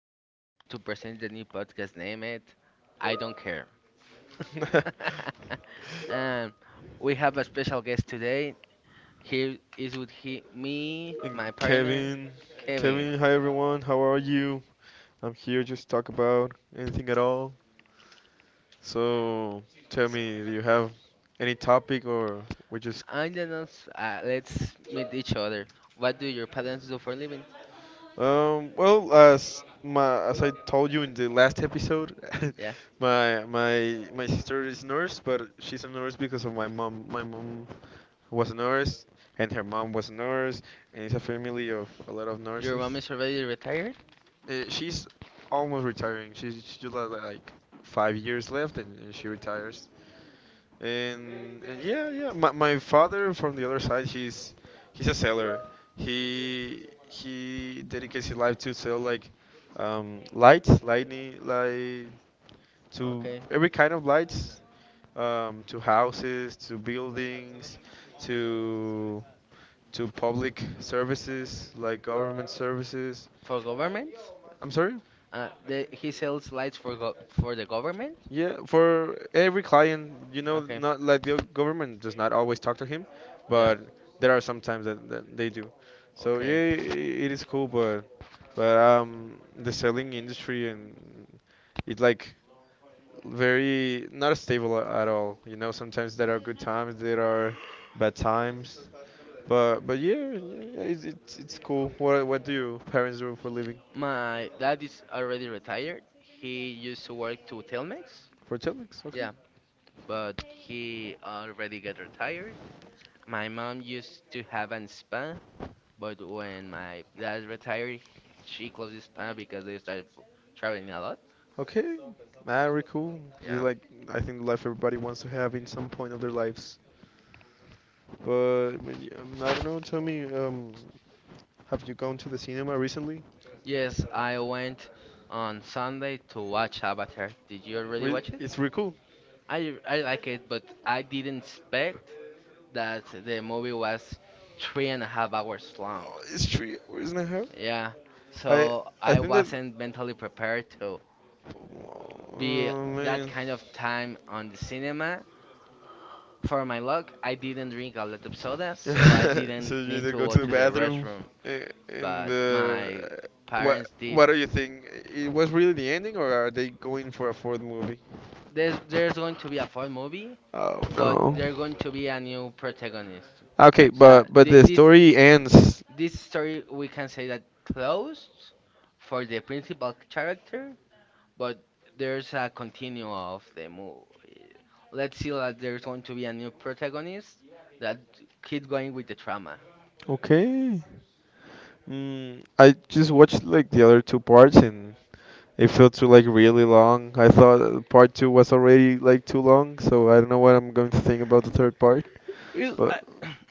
we're n- to present the new podcast. Name it, I don't care. And we have a special guest today. Here is with he, me, and my partner, Kevin, Kevin. Kevin, hi everyone, how are you? I'm here just to talk about anything at all. So tell me, do you have any topic or we just I don't know. Let's meet each other. What do your parents do for a living? Well, as I told you in the last episode, Yeah, my sister is nurse, but she's a nurse because of my mom. My mom was a nurse, and her mom was a nurse, and it's a family of a lot of your nurses. mom is already retired. She's almost retiring. She just like, 5 years left, and she retires. And yeah, yeah. My father from the other side, he's a seller. He dedicates his life to sell like lights, lightning, light to Okay, every kind of lights, to houses, to buildings, to to public services like government services. for government. I'm sorry. He sells lights for the government? Yeah, for every client, you know, Okay. not like the government does not always talk to him, Yeah. but there are some times that they do. So Okay. yeah, it is cool, but the selling industry, and it's like very not stable at all. You know, sometimes there are good times, there are bad times, but yeah, yeah, yeah, it's cool. What do your parents do for a living? My dad is already retired. He used to work to Telmex. For telex, okay. Yeah, but he already got retired. My mom used to have an spa, but when my dad retired, she closed the spa because they started traveling a lot. Okay, very cool. Just Yeah. like I think the life everybody wants to have in some point of their lives. But I don't know. Tell me, have you gone to the cinema recently? Yes, I went on Sunday to watch Avatar. Did you already watch it? It's really cool. I like it, but I didn't expect that the movie was three and a half hours long. Oh, it's 3 hours and a half. Yeah, I so I I think that. wasn't mentally prepared to be Oh, that man. kind of time on the cinema. For my luck, I didn't drink a lot of soda, so I So didn't you need either to go go to the to the bathroom restroom. In But my the, what parents did. what do you think? It was really the ending, or are they going for a fourth movie? There's going to be a full movie, Oh, but no. there's going to be a new protagonist. Okay, So but thi- the this story ends. this story we can say that closed for the principal character, but there's a continue of the movie. Let's see that there's going to be a new protagonist that keep going with the trauma. Okay. I just watched like the other two parts, and it felt too like really long. I thought, part two was already like too long, so I don't know what I'm going to think about the third part. It, But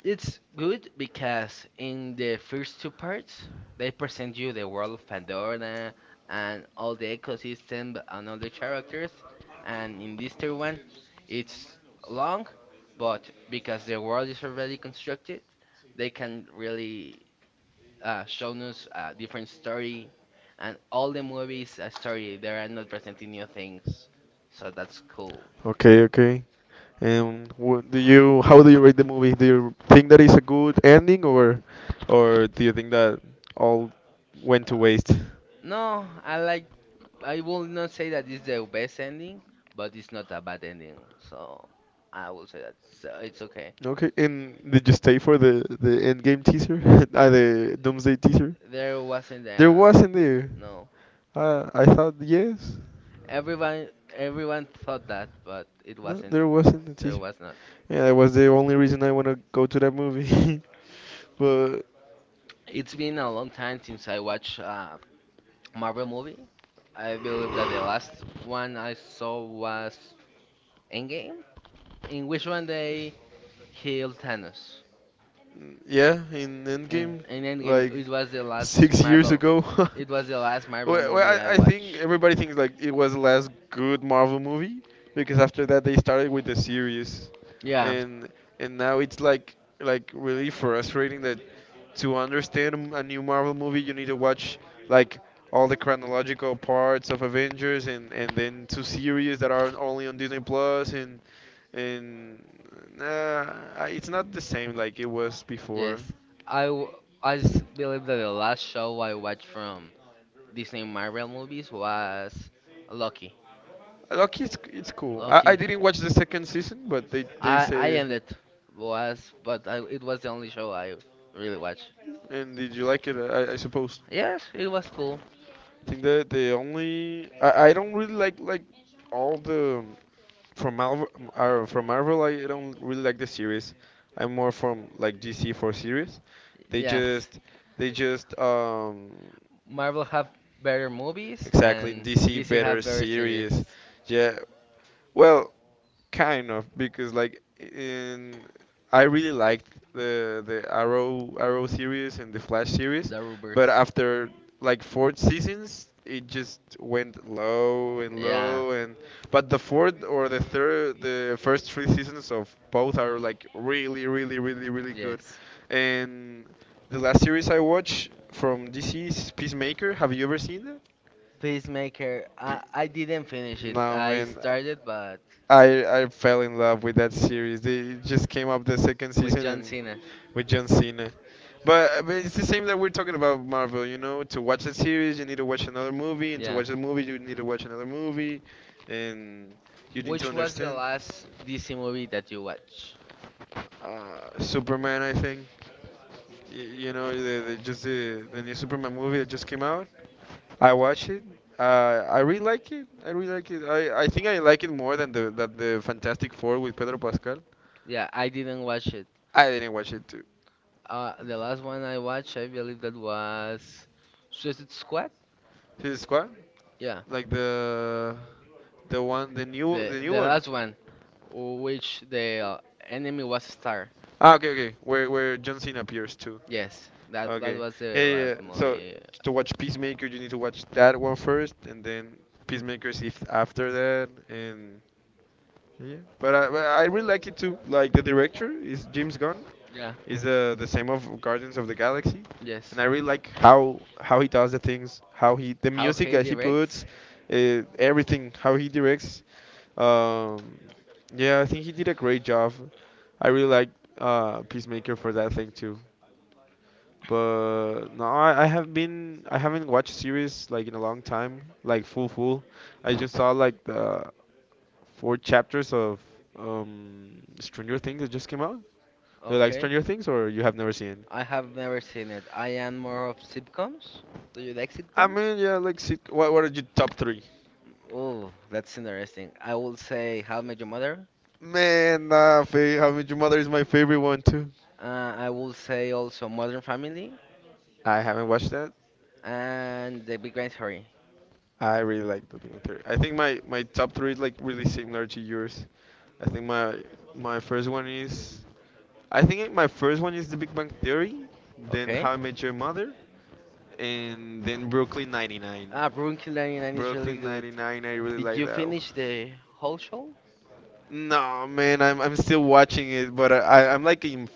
It's good because in the first two parts, they present you the world of Pandora and all the ecosystem and all the characters. And in this third one, it's long, but because the world is already constructed, they can really show us a different story. And all the movies a story. They are not presenting new things, so that's cool. okay, okay. And what do you? How do you rate the movie? Do you think that it's a good ending, or do you think that all went to waste? No, I like. I will not say that it's the best ending, but it's not a bad ending. So I will say that it's okay. Okay, and did you stay for the end game teaser? The Doomsday teaser? There wasn't There a wasn't there. no. I thought yes. Everyone everyone thought that, but it No, wasn't. there wasn't a There teaser. was not. Yeah, that was the only reason I wanna go to that movie. But It's been a long time since I watched a Marvel movie. I believe that the last one I saw was Endgame, in which one they killed Thanos. yeah, in In, Endgame, in Endgame, like it was the last 6 years Marvel. ago. It was the last Marvel Well, movie I I think watched. everybody thinks like it was the last good Marvel movie, because after that they started with the series, Yeah. and and now it's like really frustrating that to understand a new Marvel movie you need to watch like all the chronological parts of Avengers, and then two series that are only on Disney Plus and and. It's not the same like it was before. Yes. I, w- I s- Believe that the last show I watched from Disney Marvel movies was Loki. Loki, it's cool. I Loki. didn't watch the second season, but they I say. ended was but I, it was the only show I really watched. And did you like it? I suppose. Yes, it was cool. I think that the only, I don't really like all the from Marvel, from Marvel I don't really like the series. I'm more from like DC for series. They Yes. just they just, Marvel have better movies exactly, and DC DC better have better series. series. Yeah. Well, kind of, because like in I really liked the Arrow series and the Flash series, The but Rubbers. but after like four seasons, it just went low and low, and but the fourth or the third, the first three seasons of both are like really, really, really, really good. Yes. And the last series I watched from DC is Peacemaker. Have you ever seen that? Peacemaker. I Pe- didn't finish it. No, I man, started, but I I fell in love with that series. They just came up the second season something, and Cena. with John Cena. But it's the same that we're talking about Marvel. To watch a series you need to watch another movie, and to watch a movie you need to watch another movie, and you need to Movie. Was the understand. last DC movie that you watched? Superman, I think. You know, the new Superman movie that just came out. I watch it. I really like it. I really like it. I think I like it more than the Fantastic Four with Pedro Pascal. Yeah, I didn't watch it. I didn't watch it too. The last one I watched, I believe that was Suicide Squad. His squad, Yeah, like the one, the new the one. last one, w- which the enemy was Star. Ah, okay, okay. Where John Cena appears too. Yes, that that Okay. was the Yeah, yeah, yeah. last So movie. to watch Peacemaker, you need to watch that one first, and then Peacemakers if after that, and yeah. But I really like it too. Like, the director is James Gunn, Yeah. is the same of Guardians of the Galaxy, Yes. and I really like how he does the things, how he the How music he that he puts, directs? Everything, how he directs. Um, yeah, I think he did a great job. I really like Peacemaker for that thing too. But no, I haven't watched series like in a long time, like full, full. I just saw like the four chapters of Stranger Things that just came out. They're like Okay. Stranger Things, or you have never seen it? I have never seen it. I am more of sitcoms. Do you like I sitcoms? mean, yeah, like, what are your top three? Oh, that's interesting. I will say How I Met Your Mother. Man, nah, How I Met Your Mother is my favorite one too. I will say also Modern Family I haven't watched that. and The Big Bang Theory. I really like the Big Bang Theory. I think my top three is like really similar to yours. I think my my first one is I think my first one is The Big Bang Theory, then Okay. How I Met Your Mother, and then Brooklyn 99. Ah, Brooklyn Nine-Nine is really Brooklyn good. 99, I really Did like you that one. finish the whole show? No, man, I'm still watching it, but I'm like in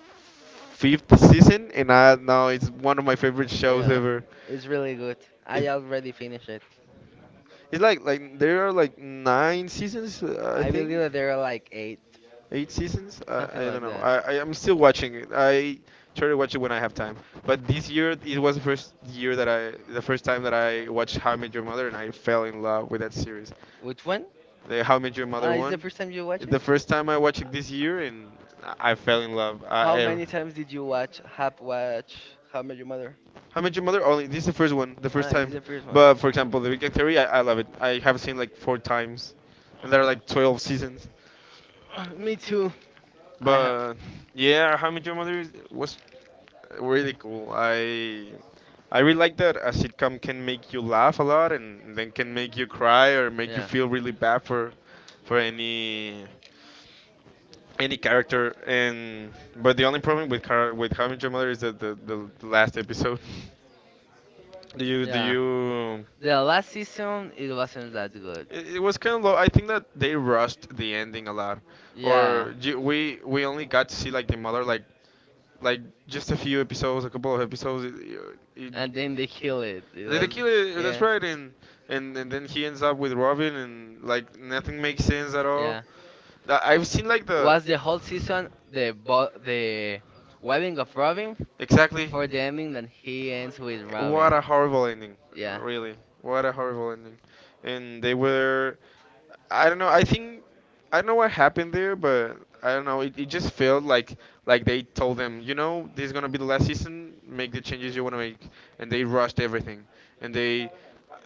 fifth season, and I now it's one of my favorite shows Yeah, ever. it's really good. I already finished it. It's like there are like nine seasons, I I think, believe that there are like eight, eight seasons. Something I don't like know. that. I'm still watching it. I try to watch it when I have time. But this year it was the first year that I, the first time that I watched How I Met Your Mother, and I fell in love with that series. Which one? The How I Met Your Ah, Mother is the one. first time you watch The it? first time I watched it this year, and I fell in love. How many times did you have I watch How I Met Your Mother? How I Met Your Mother, only this is the first one, the first Ah, it's time. the first one. But for example, The Big Bang Theory, I love it. I have seen like four times, and there are like 12 seasons. Me too. I have. But yeah, How I Met Your Mother was really cool. I really like that a sitcom can make you laugh a lot, and then can make you cry or make you Yeah. feel really bad for any character. And but the only problem with with How I Met Your Mother is that the last episode. Do Yeah. you, The last season, it wasn't that good. It was kind of low. I think that they rushed the ending a lot, Yeah. or we only got to see like the mother, like like just a few episodes, a couple of episodes. And it, then they kill it. They kill it. That's Yeah, right, and then he ends up with Robin, and like nothing makes sense at all. yeah. I've seen like the, Was the whole season the webbing of Robin exactly, for the ending that he ends with what Robin? a horrible ending, Yeah, really. What a horrible ending, and they were. I don't know. I think, I don't know what happened there, but I don't know. It just felt like they told them, this is gonna be the last season. Make the changes you wanna make, and they rushed everything. And they,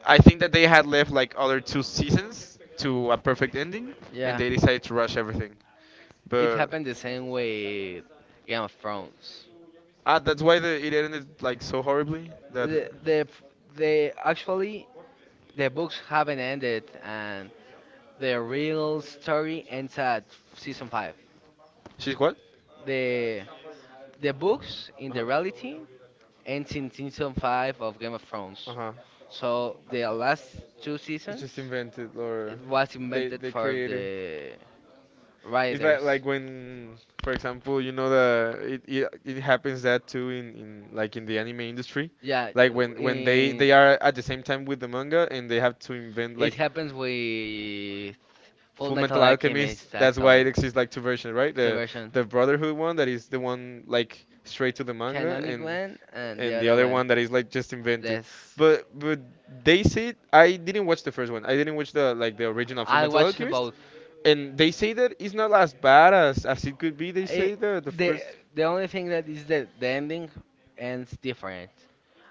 I think that they had left like other two seasons to a perfect ending, and yeah. they decided to rush everything. It But happened the same with Game of Thrones. That's why it ended like so horribly. That The f- the Actually the books haven't ended and the real story ends at season 5. She's what? The the books in Uh-huh. the reality ends in season 5 of Game of Thrones. Uh-huh. So the last two It's just seasons invented, or it was invented they for created. the It's writers. like when, for example, you know, the it happens that too in, like in the anime industry, Yeah, like when in they are at the same time with the manga, and they have to invent It like happens with Full Metal Metal Alchemist. Alchemist Why it actually. exists like two versions, right? It's a version. The Brotherhood one that is the one like straight to the manga, Kanani one and the and the other other one. one that is like just invented. This. But they say I didn't watch the first one. I didn't watch the original Full I Metal watched Alchemist, both. and they say that it's not as bad as it could be. They say It, the the first. the only thing that is that the ending ends different.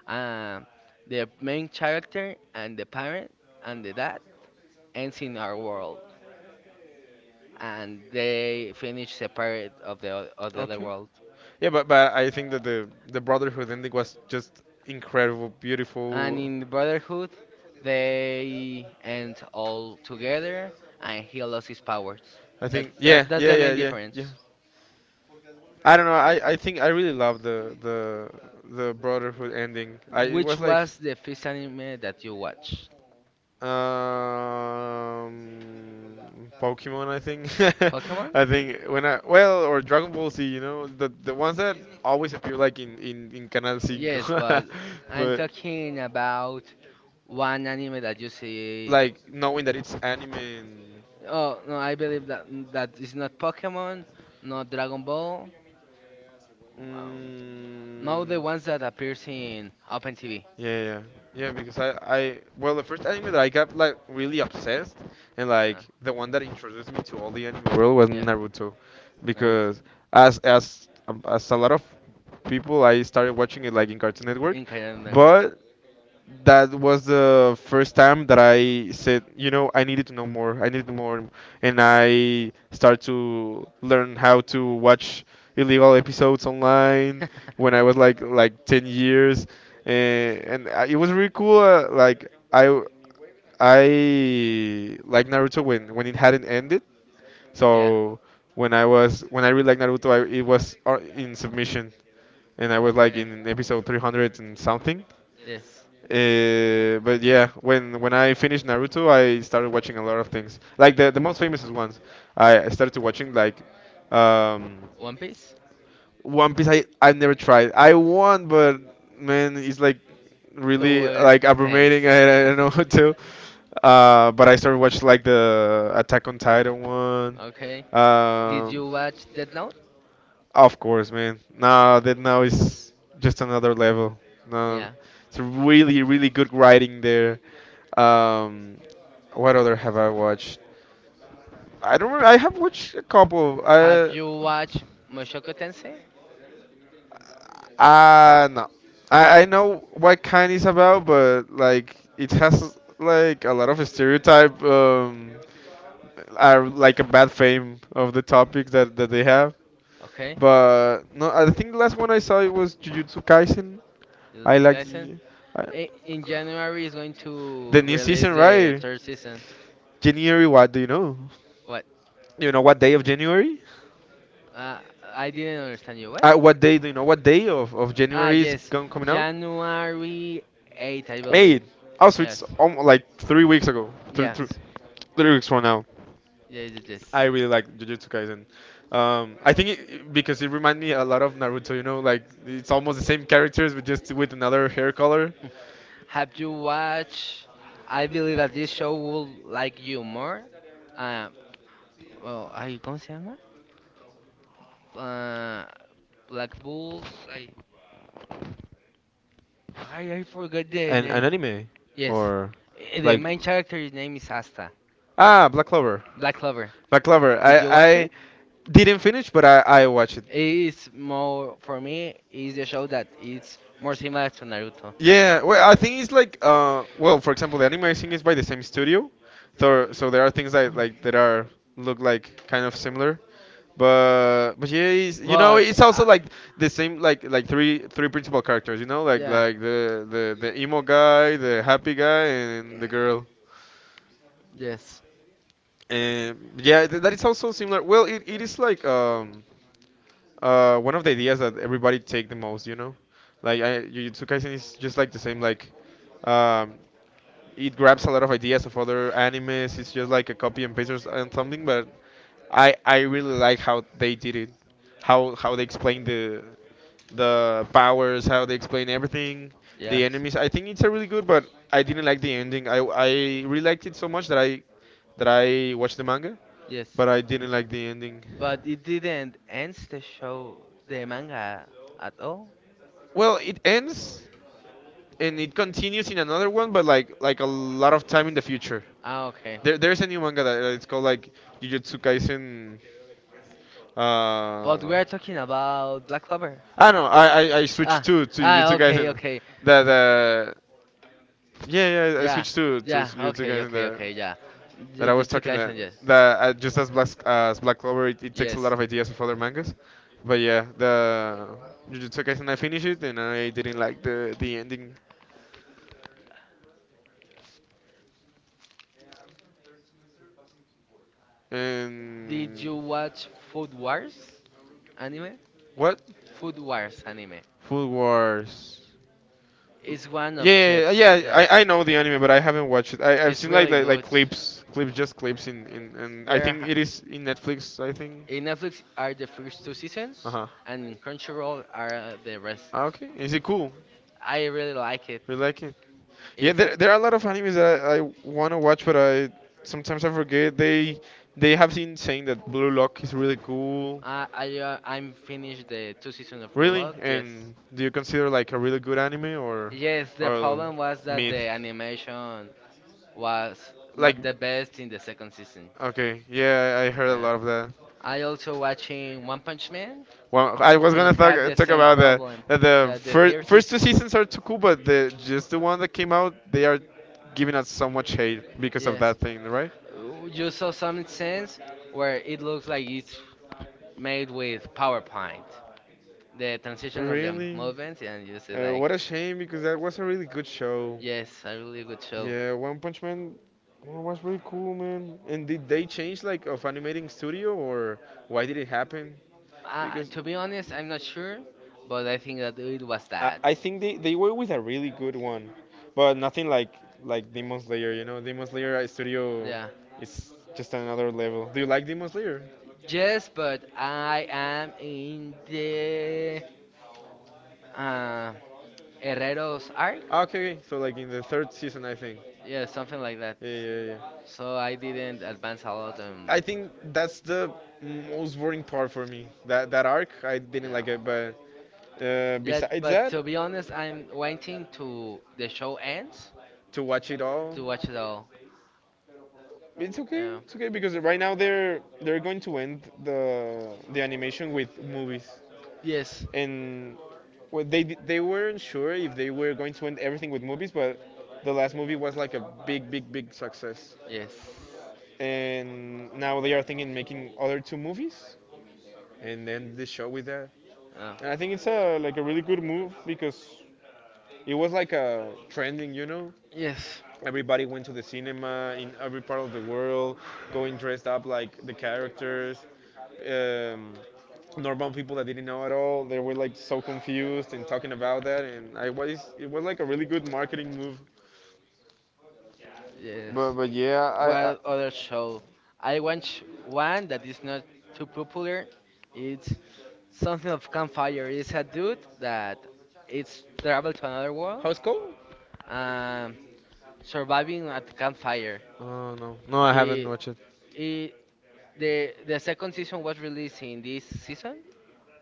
Um, the main character and the parent and the dad ends in our world, and they finish separate of of the other Okay. world. Yeah, but I think that the Brotherhood ending was just incredible, And beautiful. in the Brotherhood, they end all together, and he lost his powers. I think, yeah, That's yeah, the main yeah, yeah, yeah. difference. I don't know. I think I really love the Brotherhood ending. I It Which was like was the first anime that you watched? um Pokemon, I think. Pokemon? I think when I well, or Dragon Ball Z. You know the ones that always appear like in in Canal Yes, Cinco, but I'm but talking about one anime that you see. like knowing that it's anime. And Oh no, I believe that that is not Pokemon, not Dragon Ball, um, no, not the ones that mm, appears in Open TV. yeah, yeah, yeah. Because I well, the first anime that I got like really obsessed, and Uh, like the one that introduced me to all the anime world was yeah, Naruto, Naruto. because as a lot of people, I started watching it like in Cartoon Network, In Kaiden Network. but that was the first time that I said, I needed to know more. I needed more, and I started to learn how to watch illegal episodes online when I was like 10 years, and it was really cool. Like I like Naruto when it hadn't ended. Yeah. So when I was when I really liked Naruto, I, it was in submission, and I was like Okay. in episode 300 and something. Yes. But yeah, when I finished Naruto, I started watching a lot of things. Like the most famous ones, I started watching like um, One Piece. One Piece. I've never tried. I want, but man, it's like To really like ten. abrumating. I don't know what to. But I started watching like the Attack on Titan one. Okay. Did you Um, watch Death Note? of course, man. No, that now is just another level. No, Yeah. it's a really, really good writing there. Um, what other have I watched? I don't. Remember. I have watched a couple. Have I you watched Mushoku Tensei? uh, no. I know what kind is about, but like it has like a lot of stereotype. Are like a bad fame of the topic that that they have. Okay. But no, I think the last one I saw it was Jujutsu Kaisen. I Jujutsu like Kaisen. I, In January is going to the new release season, the right? third season. January, what do you know? What? You know what day of January? Uh, I didn't understand you. What? What day do you know? What day of Ah, January is yes. going coming out? January 8th, I believe. Eight. Also, it's Yes. Like 3 weeks ago, three, three, Yes. 3 weeks from now. Yes, yes, yes. I really like Jujutsu Kaisen. I think it, because it reminds me a lot of Naruto. You know, like it's almost the same characters, but just with another hair color. Have you watched? I believe that this show will like you more. Uh, well, are you going to say uh, Black Bulls. I, I forgot the An name. anime, Yes, or the like main character's name is Asta. ah Black Clover. Black Clover. Black Clover. Did you watch I it? didn't finish, but I watched it. It's more for me. It's a show that it's more similar to Naruto. Yeah, well, I think it's like well, for example, the anime I think is by the same studio, so so there are things that like that are look like kind of similar. But yeah, it's, you know, But it's also like the same like three principal characters, you know, Yeah, like the emo guy, the happy guy, and the girl. yes, And yeah, that is also similar. Well, it is like one of the ideas that everybody take the most, you know, like I, Jujutsu Kaisen is just like the same. Like, um, it grabs a lot of ideas of other animes. It's just like a copy and paste or and something. But I really like how they did it, how they explain the powers, how they explain everything, the yes, enemies. I think it's a really good, but I didn't like the ending. I really liked it so much that I watched the manga, yes. but I didn't like the ending. But it didn't end the show, the manga at all. Well, it ends and it continues in another one, but like a lot of time in the future. Ah, okay. There's a new manga that that it's called like Jujutsu Kaisen. But we Uh, are talking about Black Clover. I know. I switched Ah, to ah, Jujutsu okay, Kaisen. okay. That yeah yeah I Yeah, switched to yeah, Jujutsu okay, Kaisen. okay, The, okay, yeah. that You, I you was took talking that Aizen, yes. Just as Black as Black Clover, it takes a Yes. lot of ideas of other mangas. But yeah, the Jujutsu Kaisen, I finished it and I didn't like the ending. And Did you watch Food Wars anime? what? Food Wars anime. Food Wars. It's one of Yeah, chefs, yeah, yeah, yes. I know the anime, but I haven't watched it. I I've It's seen like really like good. clips, clips, just clips in, in. And I There think ha- it is in Netflix. I think. in Netflix are the first two Uh seasons, huh. and in Crunchyroll are the rest. Ah, okay, is it cool? I really like it. We like it. Yeah, It there are a lot of animes that I want to watch, but I sometimes I forget. They have been saying that Blue Lock is really cool. I'm finished the two seasons of Blue Really? Piece. Lock. Yes. Yes, And do you consider like a really good anime yes. The or problem was that mid? the animation was Like not the best in the second season. okay, yeah, I heard a Yeah. lot of that. I also watching One Punch Man Well, I was gonna and have the talk same about second the problem one that uh, the that the first first season. two seasons are too cool, but the just the one that came out, they are giving us so much hate because of Yes. that thing, right? You saw some sense where it looks like it's made with PowerPoint. The transition of the Really? movements, and you see like, What a shame because that was a really good show. yes, a really good show. Yeah, One Punch Man was really cool, man. And did they change like of animating studio or why did it happen? Because To be honest, I'm i not sure, but I think that it was that. I think they were with a really good one, but nothing like like Demon Slayer. You know, Demon Slayer studio yeah, Yeah. is just another level. Do you like Demon Slayer? Yes, but I am in the uh, Herrero's arc? Ah, okay, okay. So like in the third season, I think. Yeah, something like that. Yeah, yeah, yeah. So I didn't advance a lot and I think that's the most boring part for me. That arc, I didn't yeah. like it. But Yeah, besides but that, to be honest, I'm waiting to the show ends to watch it all, to watch it all. it's okay. Yeah. It's okay because right now they're going to end the animation with movies, Yes. Yes. and well, they they weren't sure if they were going to end everything with movies, but the last movie was like a big big big success, and now they are thinking making other two movies and end the show with that. And I think it's a like a really good move because it was like a trending, you know. Yeah. Yes. Everybody went to the cinema in every part of the world, going dressed up like the characters. Um, normal people that didn't know at all, they were like so confused and talking about that, and I was it was like a really good marketing move. Yes. But yeah, I What other show? I watch one that is not too popular. It's something of campfire. It's a dude that it's traveled to another world, how's cold? um, surviving at campfire. Uh, no, no, I haven't He, watched it. he the second season was released in this season,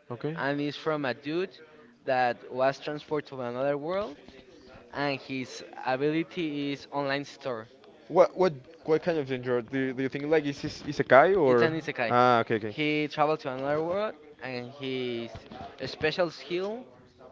Okay. and it's from a dude that was transferred to another world, and his ability is online store. What what what kind of genre do do you think like is isekai It's or an isekai. ah okay okay. He traveled to another world, and his special skill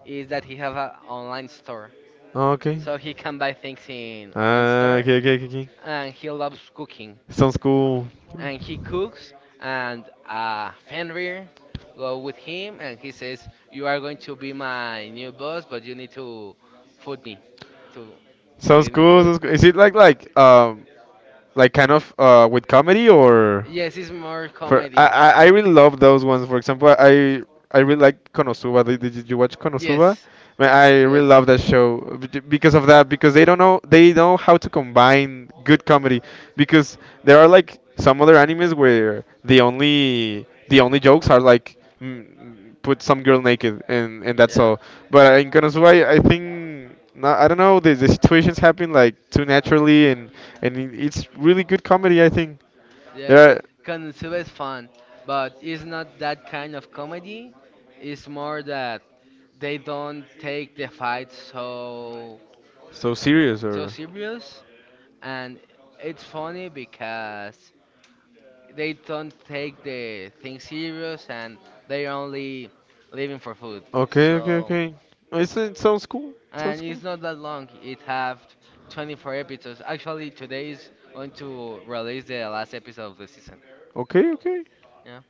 is that he have an online store, Oh, okay, so he can buy things in online ah store. okay okay okay okay And he loves cooking, sounds cool and he cooks, and Fenrir go with him, and he says, "You are going to be my new boss, but you need to food me, to to sounds give me cool food." sounds cool. Is it like kind of with comedy or Yes, it's more for comedy. I really love those ones. For example, I really like Konosuba. Did you watch Konosuba? Yes, Man, I really yes. love that show because of that because they don't know they know how to combine good comedy because there are like some other animes where the only jokes are like mm, put some girl naked and that's Yeah. all. But in Konosuba, I think. No, I don't know. The situations happen like too naturally, and it's really good comedy. I think Yes, they're Konosuba is fun, but it's not that kind of comedy. It's more that they don't take the fight so serious so or serious, and it's funny because they don't take the thing serious and they're only living for food. okay, okay, So okay. Oh, it's, it sounds cool. and Sounds cool. it's not that long. It have 24 episodes. Actually, today is going to release the last episode of the season. Okay, okay. Yeah.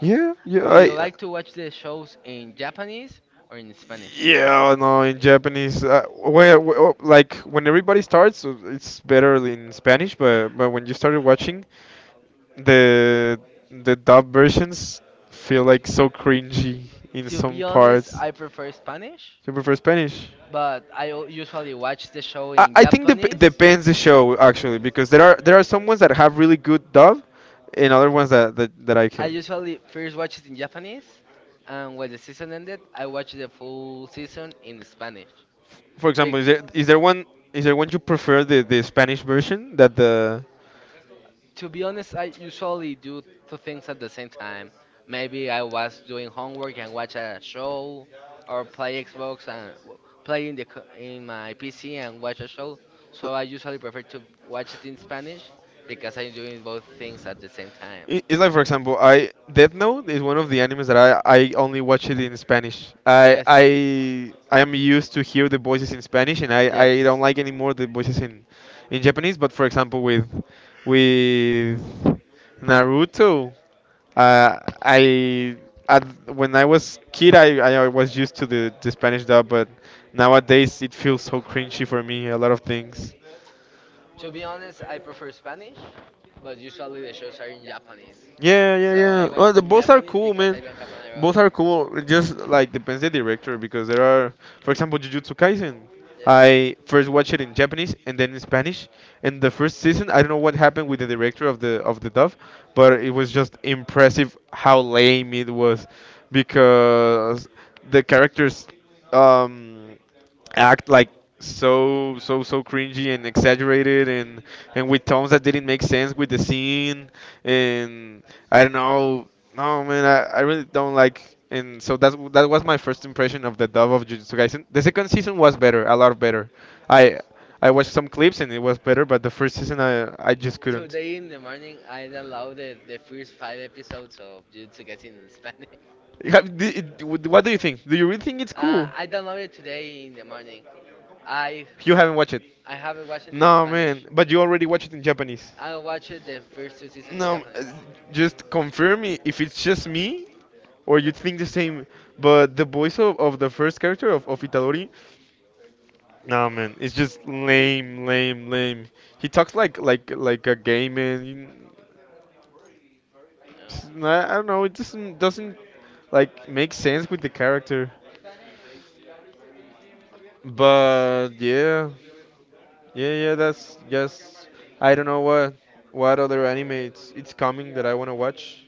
Yeah, yeah. Do you I like to watch the shows in Japanese or in Spanish? yeah, no, in Japanese, oh, like when everybody starts, it's better in Spanish. But when you started watching the the dub versions, feel like so cringy in To some be honest, parts. I prefer Spanish, You prefer Spanish? but usually watch the show I, in I think Japanese. depends the show actually because there are some ones that have really good dub, and other ones that that I I can. usually first watch it in Japanese, and when the season ended, I watched the full season in Spanish. For Big. example, is there one you prefer the Spanish version that the To be honest, I usually do two things at the same time. Maybe I was doing homework and watch a show, or play Xbox and play in my PC and watch a show. So I usually prefer to watch it in Spanish because I'm doing both I things at the same time. it's like, for example, I Death Note is one of the animes that I only watch it in Spanish. Yes, I am used to hear the voices in Spanish, and I don't yes. like anymore the voices in Japanese. But for example, with Naruto, I at, when I was kid, I was used to the Spanish dub, but nowadays it feels so cringy for me. A lot of things. To be honest, I prefer Spanish, but usually the shows are in Japanese. Yeah, yeah, So I yeah. watch Well, it in both are Japanese cool, because I man. don't have an Both are cool. It just like depends the director because there are, for example, Jujutsu Kaisen. Yes. I first watched it in Japanese and then in Spanish. And the first season, I don't know what happened with the director of the dub, but it was just impressive how lame it was because the characters um act like so cringy and exaggerated and with tones that didn't make sense with the scene and I don't know no man I really don't like and so that's that was my first impression of the dub of Jujutsu Kaisen. The second season was better, a lot better. I I watched some clips and it was better, but the first season I just couldn't. Today in the morning, I downloaded the first five episodes of Jujutsu Kaisen in Spanish. Yeah, what do you think? Do you really think it's cool? I downloaded today in the morning. I You w- haven't watched it. I haven't watched it in No, man. Spanish. But you already watched it in Japanese. I watched the first two seasons in No, Japanese. just confirm if it's just me or you think the same. But the voice of the first character of Itadori, no, man, it's just lame, lame, lame. He talks like a gay man. I Yeah. Don't know. It doesn't like make sense with the character. Yes. But yeah. That's just I don't know what other anime it's coming that I wanna watch.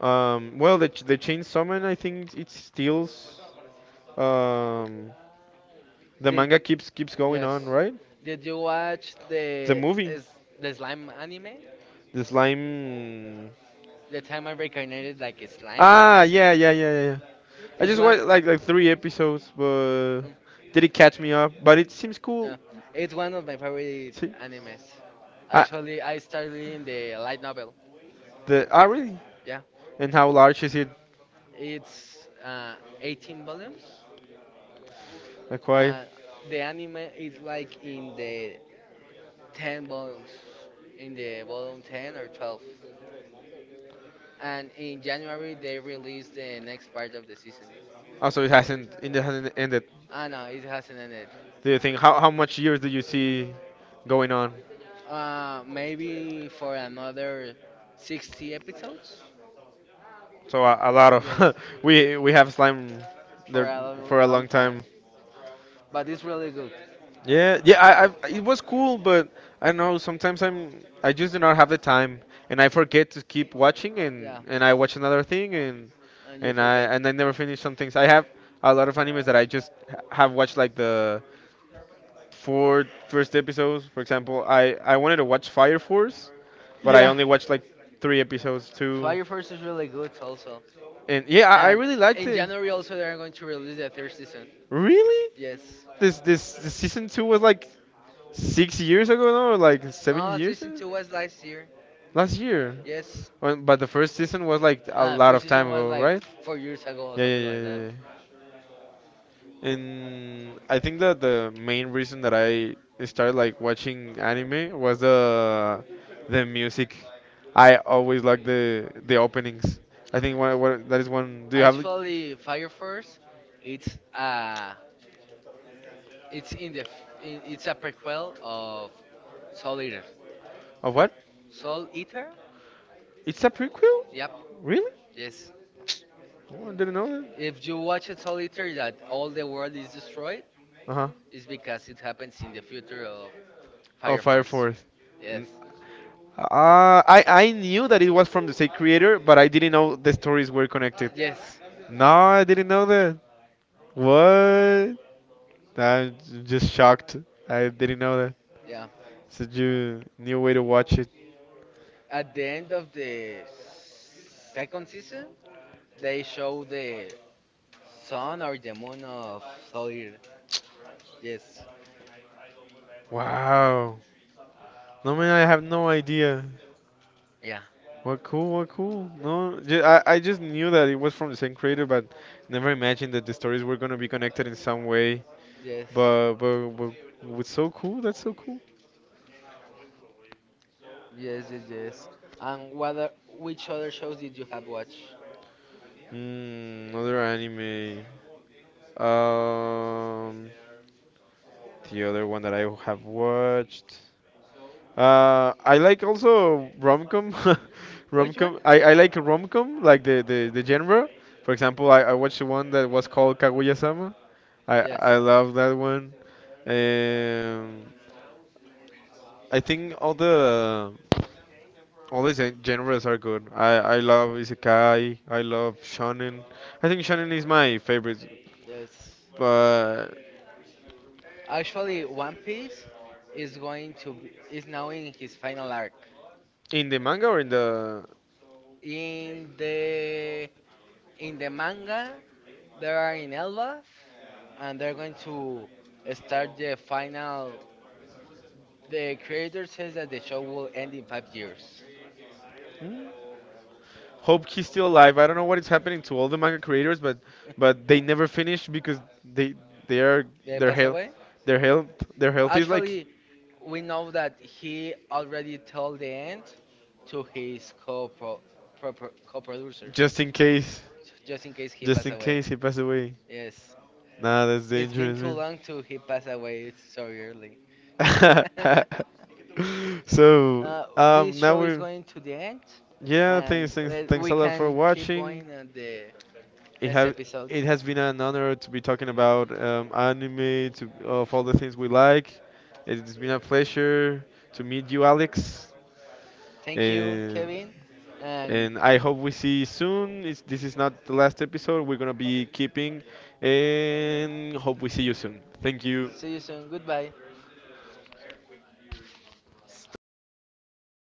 Well, the the Chainsaw Man, I think it steals. Um, the Did manga keeps going on, yes. right? Did you watch The The movie, is the slime anime? the slime. The time I reincarnated like a slime? Ah, yeah, yeah, yeah, yeah, yeah. I It's just one watched like three episodes, but mm, did it catch me up? But it seems cool. yeah. It's one of my favorite See? animes. I, Actually, I started reading the light novel. the really? Yeah. And how large is it It's 18 volumes. acquired? Uh, the anime is like in the 10 volumes in the volume 10 or 12. And in January, they released the next part of the season. Also, it hasn't ended. Ah, no, it hasn't ended. Do you think how much years do you see going on? Maybe for another 60 episodes? So a lot Yes, of we have slime for there a long, for a long long time. time. But it's really good. Yeah, Yeah. yeah. I it was cool, but I know sometimes I just do not have the time, and I forget to keep watching, and I watch another thing, and And you and I forget. and I never finish some things. I have a lot of animes that I just have watched like the for first episodes. For example, I wanted to watch Fire Force, but I Yeah. only watched like three episodes too. Fire Force is really good also. And yeah, I And really liked in it. January also they are going to release the third season. Really? Yes. This season two was like 6 years ago now, or like seven No, years. season two was last year. Last year. Yes. Well, but the first season was like a Ah, lot first of season time was ago, like right? 4 years ago or Yeah, yeah, something yeah, like that. yeah, yeah. And I think that the main reason that I started like watching anime was the music. I always like the openings. I think one, one, that is one. Do you have like, Actually, Fire Force, it's uh it's in the f- I- it's a prequel of Soul Eater. of what? Soul Eater? It's a prequel? Yep. Really? Yes. Oh, I didn't know that. If you watch it Soul Eater that all the world is destroyed, Uh huh. is because it happens in the future of Oh, Fire Fire Force. Force. Yes. N- I knew that it was from the same creator, but I didn't know the stories were connected. Yes. No, I didn't know that. What? I'm just shocked. I didn't know that. Yeah. Such a new way to watch it. At the end of the second season, they show the sun or the moon of Solir. Yes. Wow. No man, I have no idea. Yeah. What cool, what cool. No, I just knew that it was from the same creator, but never imagined that the stories were gonna be connected in some way. Yes. But but what's so cool? That's so cool. Yes, yes, yes. And what are, which other shows did you have watched? Mm, another anime. Um, the other one that I have watched. I like also rom-com, Which one? rom-com. I like rom-com, like the genre. For example, I watched one that was called Kaguya-sama. I Yes. I love that one. Um, I think all the genres are good. I love isekai. I love shonen. I think shonen is my favorite. Yes. But Actually, One Piece is going to is now in his final arc. in the manga or in the In the in the manga, they are in Elbaf, and they're going to start the final. The creator says that the show will end in 5 years. hmm? Hope he's still alive. I don't know what is happening to all the manga creators, but they never finish because they are They their pass health away. their health their health is like Actually, we know that he already told the end to his co-producers. just in case Just in case he just pass in away. case he passed away. Yes, Nah, that's it's been dangerous, too man. long to he pass away. It's so early. So Uh, this now show is we're going to the end, yeah, and thanks let, thanks we a lot for can keep watching. going on the It next have episode. it has been an honor to be talking about anime, to of all the things we like. It's been a pleasure to meet you, Alex. Thank you, And Kevin, and and I hope we see you soon. It's, this is not the last episode. We're gonna be keeping, and hope we see you soon. Thank you. see you soon. Goodbye. Stop.